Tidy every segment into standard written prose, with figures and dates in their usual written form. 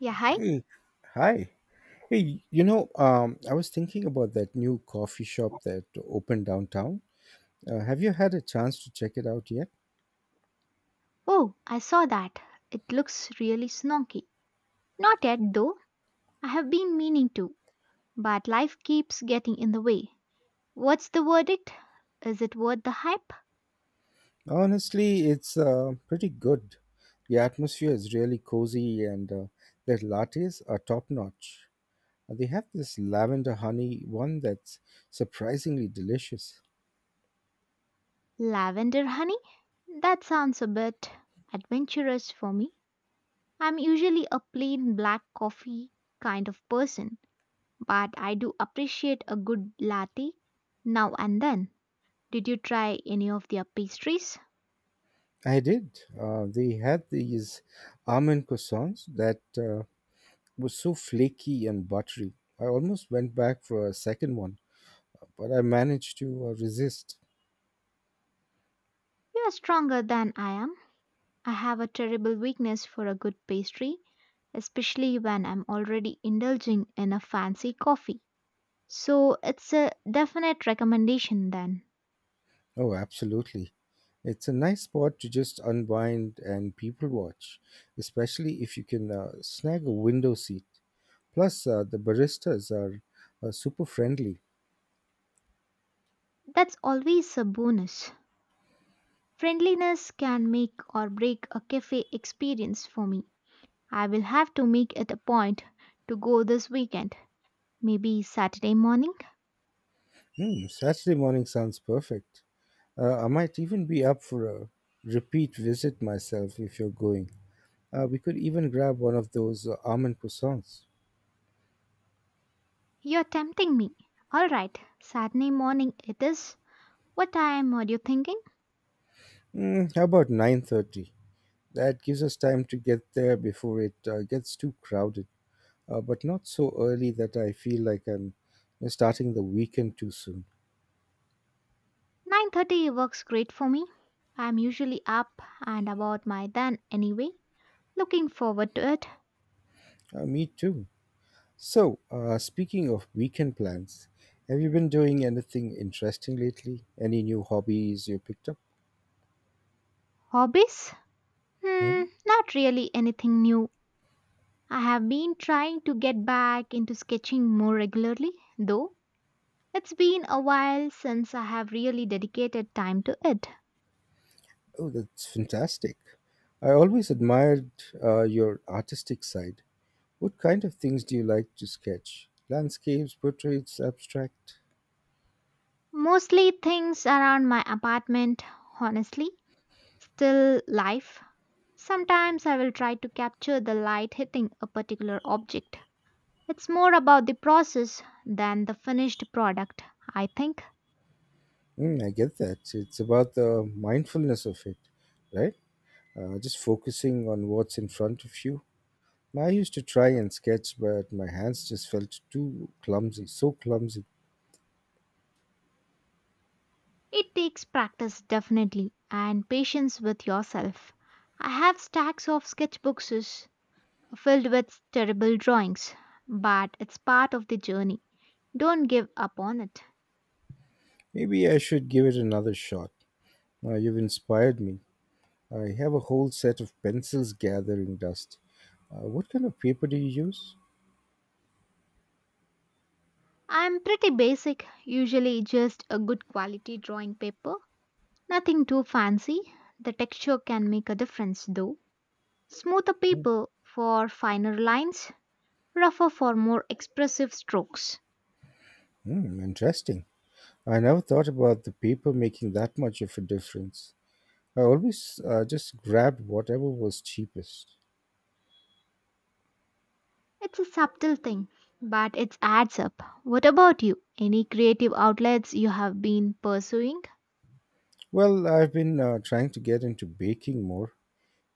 Yeah, hi. Hey, hi. Hey, I was thinking about that new coffee shop that opened downtown. Have you had a chance to check it out yet? Oh, I saw that. It looks really snonky. Not yet, though. I have been meaning to, but life keeps getting in the way. What's the verdict? Is it worth the hype? Honestly, it's pretty good. The atmosphere is really cozy, and their lattes are top notch. They have this lavender honey one that's surprisingly delicious. Lavender honey? That sounds a bit adventurous for me. I'm usually a plain black coffee kind of person, but I do appreciate a good latte now and then. Did you try any of their pastries? I did. They had these almond croissants that were so flaky and buttery. I almost went back for a second one, but I managed to resist. You are stronger than I am. I have a terrible weakness for a good pastry, especially when I'm already indulging in a fancy coffee. So it's a definite recommendation then. Oh, absolutely. It's a nice spot to just unwind and people watch, especially if you can snag a window seat. Plus, the baristas are super friendly. That's always a bonus. Friendliness can make or break a cafe experience for me. I will have to make it a point to go this weekend, maybe Saturday morning. Hmm, Saturday morning sounds perfect. I might even be up for a repeat visit myself if you're going. We could even grab one of those almond croissants. You're tempting me. All right, Saturday morning it is. What time are you thinking? Mm, how about 9:30? That gives us time to get there before it gets too crowded, but not so early that I feel like I'm starting the weekend too soon. 9:30 works great for me. I'm usually up and about my then anyway. Looking forward to it. Me too. So, speaking of weekend plans, have you been doing anything interesting lately? Any new hobbies you picked up? Hobbies? Hmm. Hmm, not really anything new. I have been trying to get back into sketching more regularly, though. It's been a while since I have really dedicated time to it. Oh, that's fantastic. I always admired your artistic side. What kind of things do you like to sketch? Landscapes, portraits, abstract? Mostly things around my apartment, honestly. Still life. Sometimes I will try to capture the light hitting a particular object. It's more about the process than the finished product, I think. Mm, I get that. It's about the mindfulness of it, right? Just focusing on what's in front of you. I used to try and sketch, but my hands just felt too clumsy, so clumsy. It takes practice, definitely, and patience with yourself. I have stacks of sketchbooks filled with terrible drawings, but it's part of the journey. Don't give up on it. Maybe I should give it another shot. Now you've inspired me. I have a whole set of pencils gathering dust. What kind of paper do you use? I'm pretty basic, usually just a good quality drawing paper, nothing too fancy. The texture can make a difference though. Smoother Hmm, paper for finer lines, rougher for more expressive strokes. hmm, interesting. I never thought about the paper making that much of a difference. I always just grabbed whatever was cheapest. It's a subtle thing, but it adds up. What about you? Any creative outlets you have been pursuing? Well, I've been trying to get into baking more.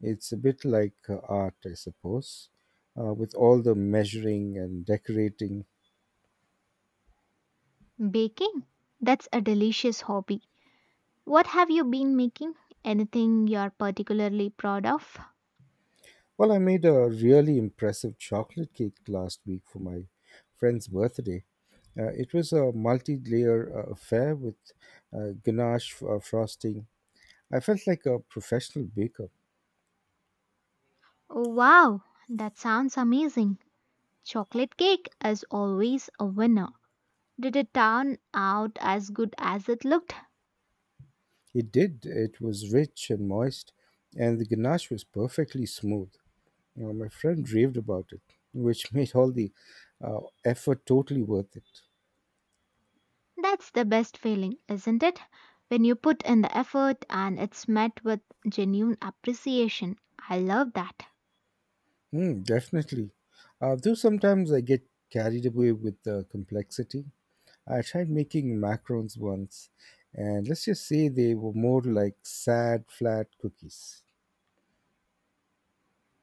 It's a bit like art, I suppose, with all the measuring and decorating. Baking? That's a delicious hobby. What have you been making? Anything you're particularly proud of? Well, I made a really impressive chocolate cake last week for my friend's birthday. It was a multi layer affair with ganache frosting. I felt like a professional baker. Oh, wow, that sounds amazing. Chocolate cake is always a winner. Did it turn out as good as it looked? It did, it was rich and moist, and the ganache was perfectly smooth. My friend raved about it, which made all the uh, effort totally worth it. That's the best feeling, isn't it? When you put in the effort and it's met with genuine appreciation. I love that. Mm, definitely. Though sometimes I get carried away with the complexity. I tried making macarons once, and let's just say they were more like sad, flat cookies.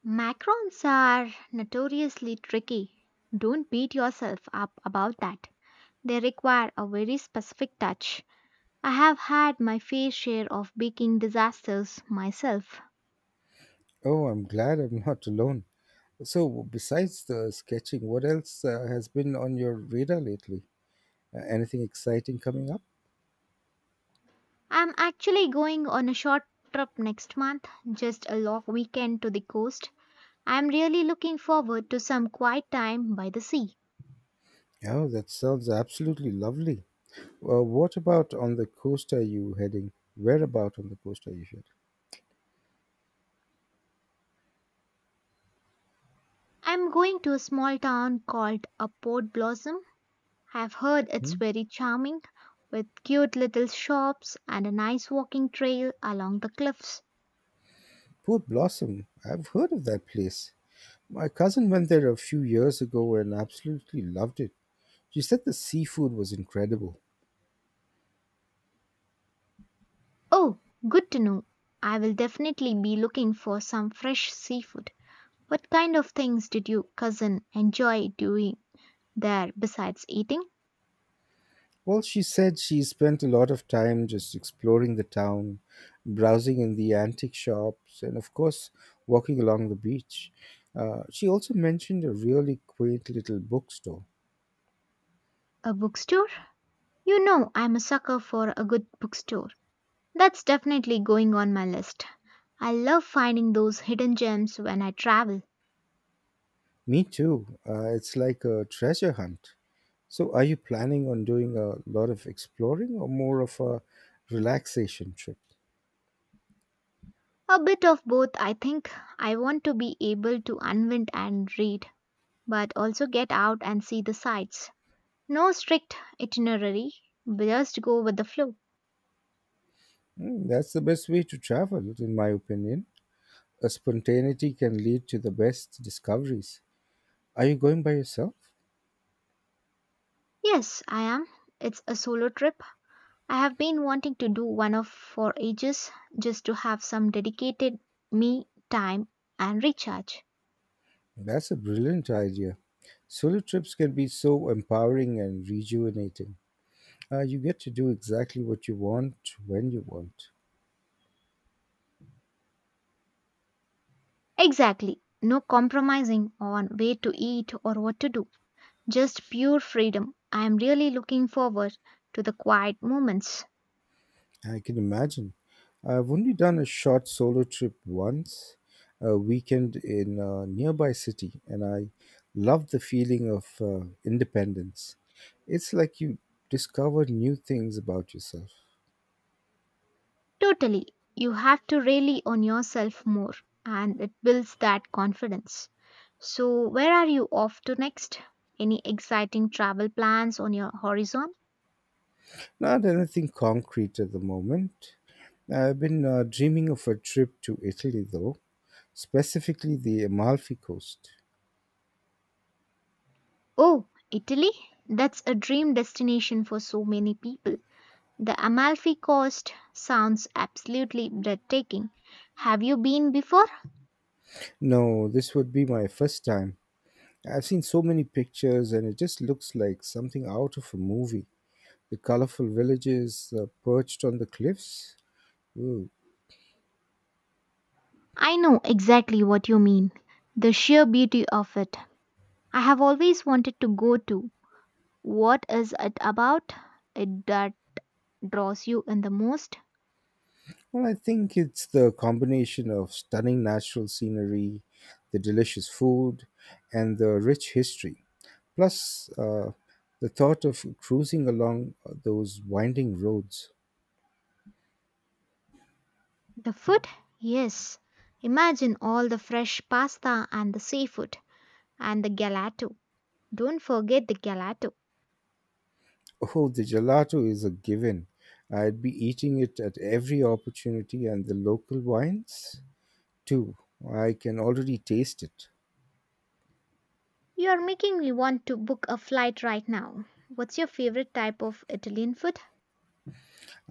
Macrons are notoriously tricky. Don't beat yourself up about that. They require a very specific touch. I have had my fair share of baking disasters myself. Oh, I'm glad I'm not alone. So, besides the sketching, what else has been on your radar lately? Anything exciting coming up? I'm actually going on a short trip next month, just a long weekend to the coast. I'm really looking forward to some quiet time by the sea. Oh, that sounds absolutely lovely. Well, what about on the coast are you heading? Where about on the coast are you heading? I'm going to a small town called a Port Blossom. I've heard Hmm? it's very charming, with cute little shops and a nice walking trail along the cliffs. Port Blossom. I've heard of that place. My cousin went there a few years ago and absolutely loved it. She said the seafood was incredible. Oh, good to know. I will definitely be looking for some fresh seafood. What kind of things did your cousin enjoy doing there besides eating? Well, she said she spent a lot of time just exploring the town, browsing in the antique shops, and of course, walking along the beach. She also mentioned a really quaint little bookstore. A bookstore? You know, I'm a sucker for a good bookstore. That's definitely going on my list. I love finding those hidden gems when I travel. Me too. It's like a treasure hunt. So, are you planning on doing a lot of exploring or more of a relaxation trip? A bit of both, I think. I want to be able to unwind and read, but also get out and see the sights. No strict itinerary, just go with the flow. Hmm, that's the best way to travel, in my opinion. A spontaneity can lead to the best discoveries. Are you going by yourself? Yes, I am. It's a solo trip. I have been wanting to do one of for ages just to have some dedicated me time and recharge. That's a brilliant idea. Solo trips can be so empowering and rejuvenating. You get to do exactly what you want when you want. Exactly. No compromising on where to eat or what to do. Just pure freedom. I am really looking forward to the quiet moments. I can imagine. I've only done a short solo trip once, a weekend in a nearby city, and I loved the feeling of independence. It's like you discovered new things about yourself. Totally. You have to rely on yourself more, and it builds that confidence. So, where are you off to next? Any exciting travel plans on your horizon? Not anything concrete at the moment. I've been dreaming of a trip to Italy, though, specifically the Amalfi Coast. Oh, Italy? That's a dream destination for so many people. The Amalfi Coast sounds absolutely breathtaking. Have you been before? No, this would be my first time. I've seen so many pictures, and it just looks like something out of a movie. The colorful villages perched on the cliffs. Ooh. I know exactly what you mean. The sheer beauty of it. I have always wanted to go to. What is it about it that draws you in the most? Well, I think it's the combination of stunning natural scenery, the delicious food, and the rich history. Plus, the thought of cruising along those winding roads. The food? Yes. Imagine all the fresh pasta and the seafood and the gelato. Don't forget the gelato. Oh, the gelato is a given. I'd be eating it at every opportunity, and the local wines too. I can already taste it. You are making me want to book a flight right now. What's your favorite type of Italian food?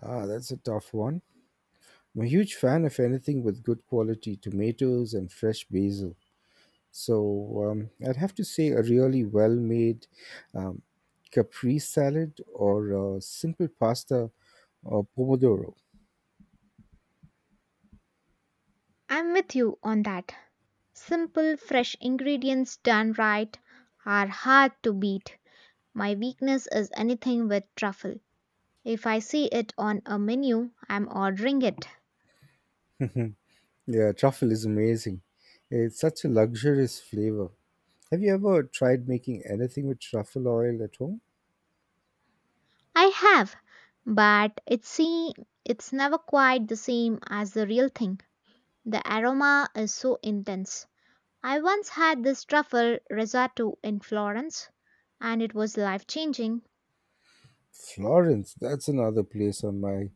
Ah, that's a tough one. I'm a huge fan of anything with good quality tomatoes and fresh basil. So I'd have to say a really well made um, caprese salad or a simple pasta or pomodoro. I'm with you on that. Simple, fresh ingredients done right are hard to beat. My weakness is anything with truffle. If I see it on a menu, I'm ordering it. Yeah, truffle is amazing. It's such a luxurious flavor. Have you ever tried making anything with truffle oil at home? I have, but it's never quite the same as the real thing. The aroma is so intense. I once had this truffle risotto in Florence, and it was life changing. Florence, that's another place on my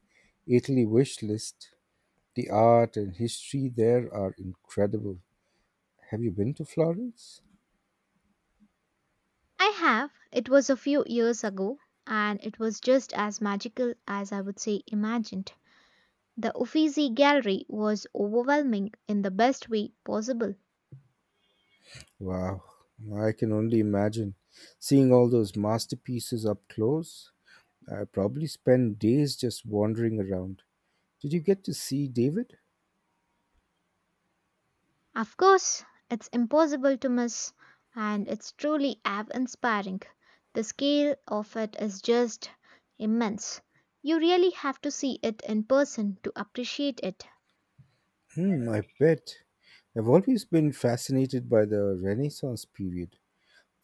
Italy wish list. The art and history there are incredible. Have you been to Florence? I have. It was a few years ago, and it was just as magical as I would say imagined. The Uffizi Gallery was overwhelming in the best way possible. Wow, I can only imagine seeing all those masterpieces up close. I probably spent days just wandering around. Did you get to see David? Of course, it's impossible to miss, and it's truly awe inspiring. The scale of it is just immense. You really have to see it in person to appreciate it. Hmm, I bet. I've always been fascinated by the Renaissance period,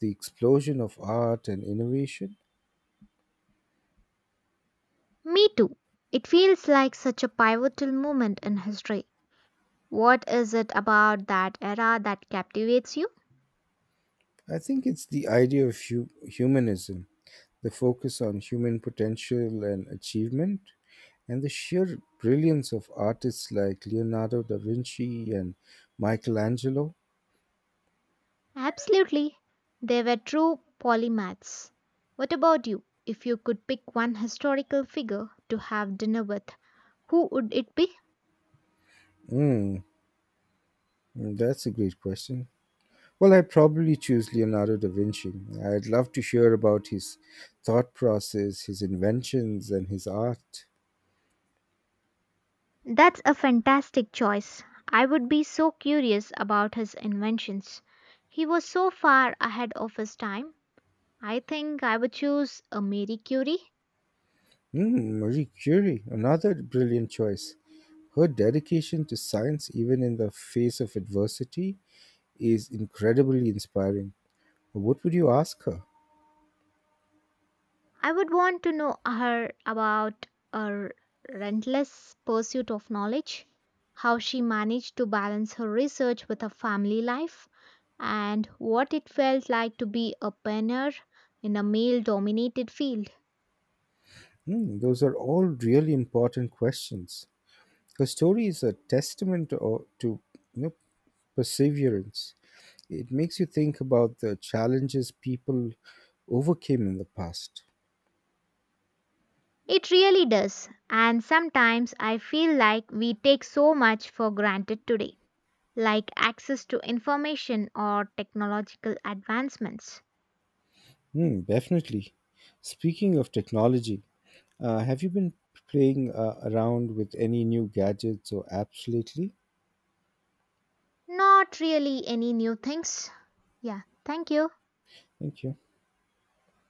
the explosion of art and innovation. Me too. It feels like such a pivotal moment in history. What is it about that era that captivates you? I think it's the idea of humanism, the focus on human potential and achievement, and the sheer brilliance of artists like Leonardo da Vinci and Michelangelo. Absolutely. They were true polymaths. What about you? If you could pick one historical figure to have dinner with, who would it be? Mm, that's a great question. Well, I'd probably choose Leonardo da Vinci. I'd love to hear about his thought process, his inventions, and his art. That's a fantastic choice. I would be so curious about his inventions. He was so far ahead of his time. I think I would choose a Marie Curie. Mm, Marie Curie, another brilliant choice. Her dedication to science, even in the face of adversity, is incredibly inspiring. What would you ask her? I would want to know her about her relentless pursuit of knowledge, how she managed to balance her research with her family life, and what it felt like to be a pioneer in a male dominated field. Hmm, those are all really important questions. Her story is a testament to you know, perseverance. It makes you think about the challenges people overcame in the past. It really does. And sometimes I feel like we take so much for granted today, like access to information or technological advancements. Hmm, definitely. Speaking of technology, have you been playing around with any new gadgets or apps lately? Not really any new things. Yeah, thank you. Thank you.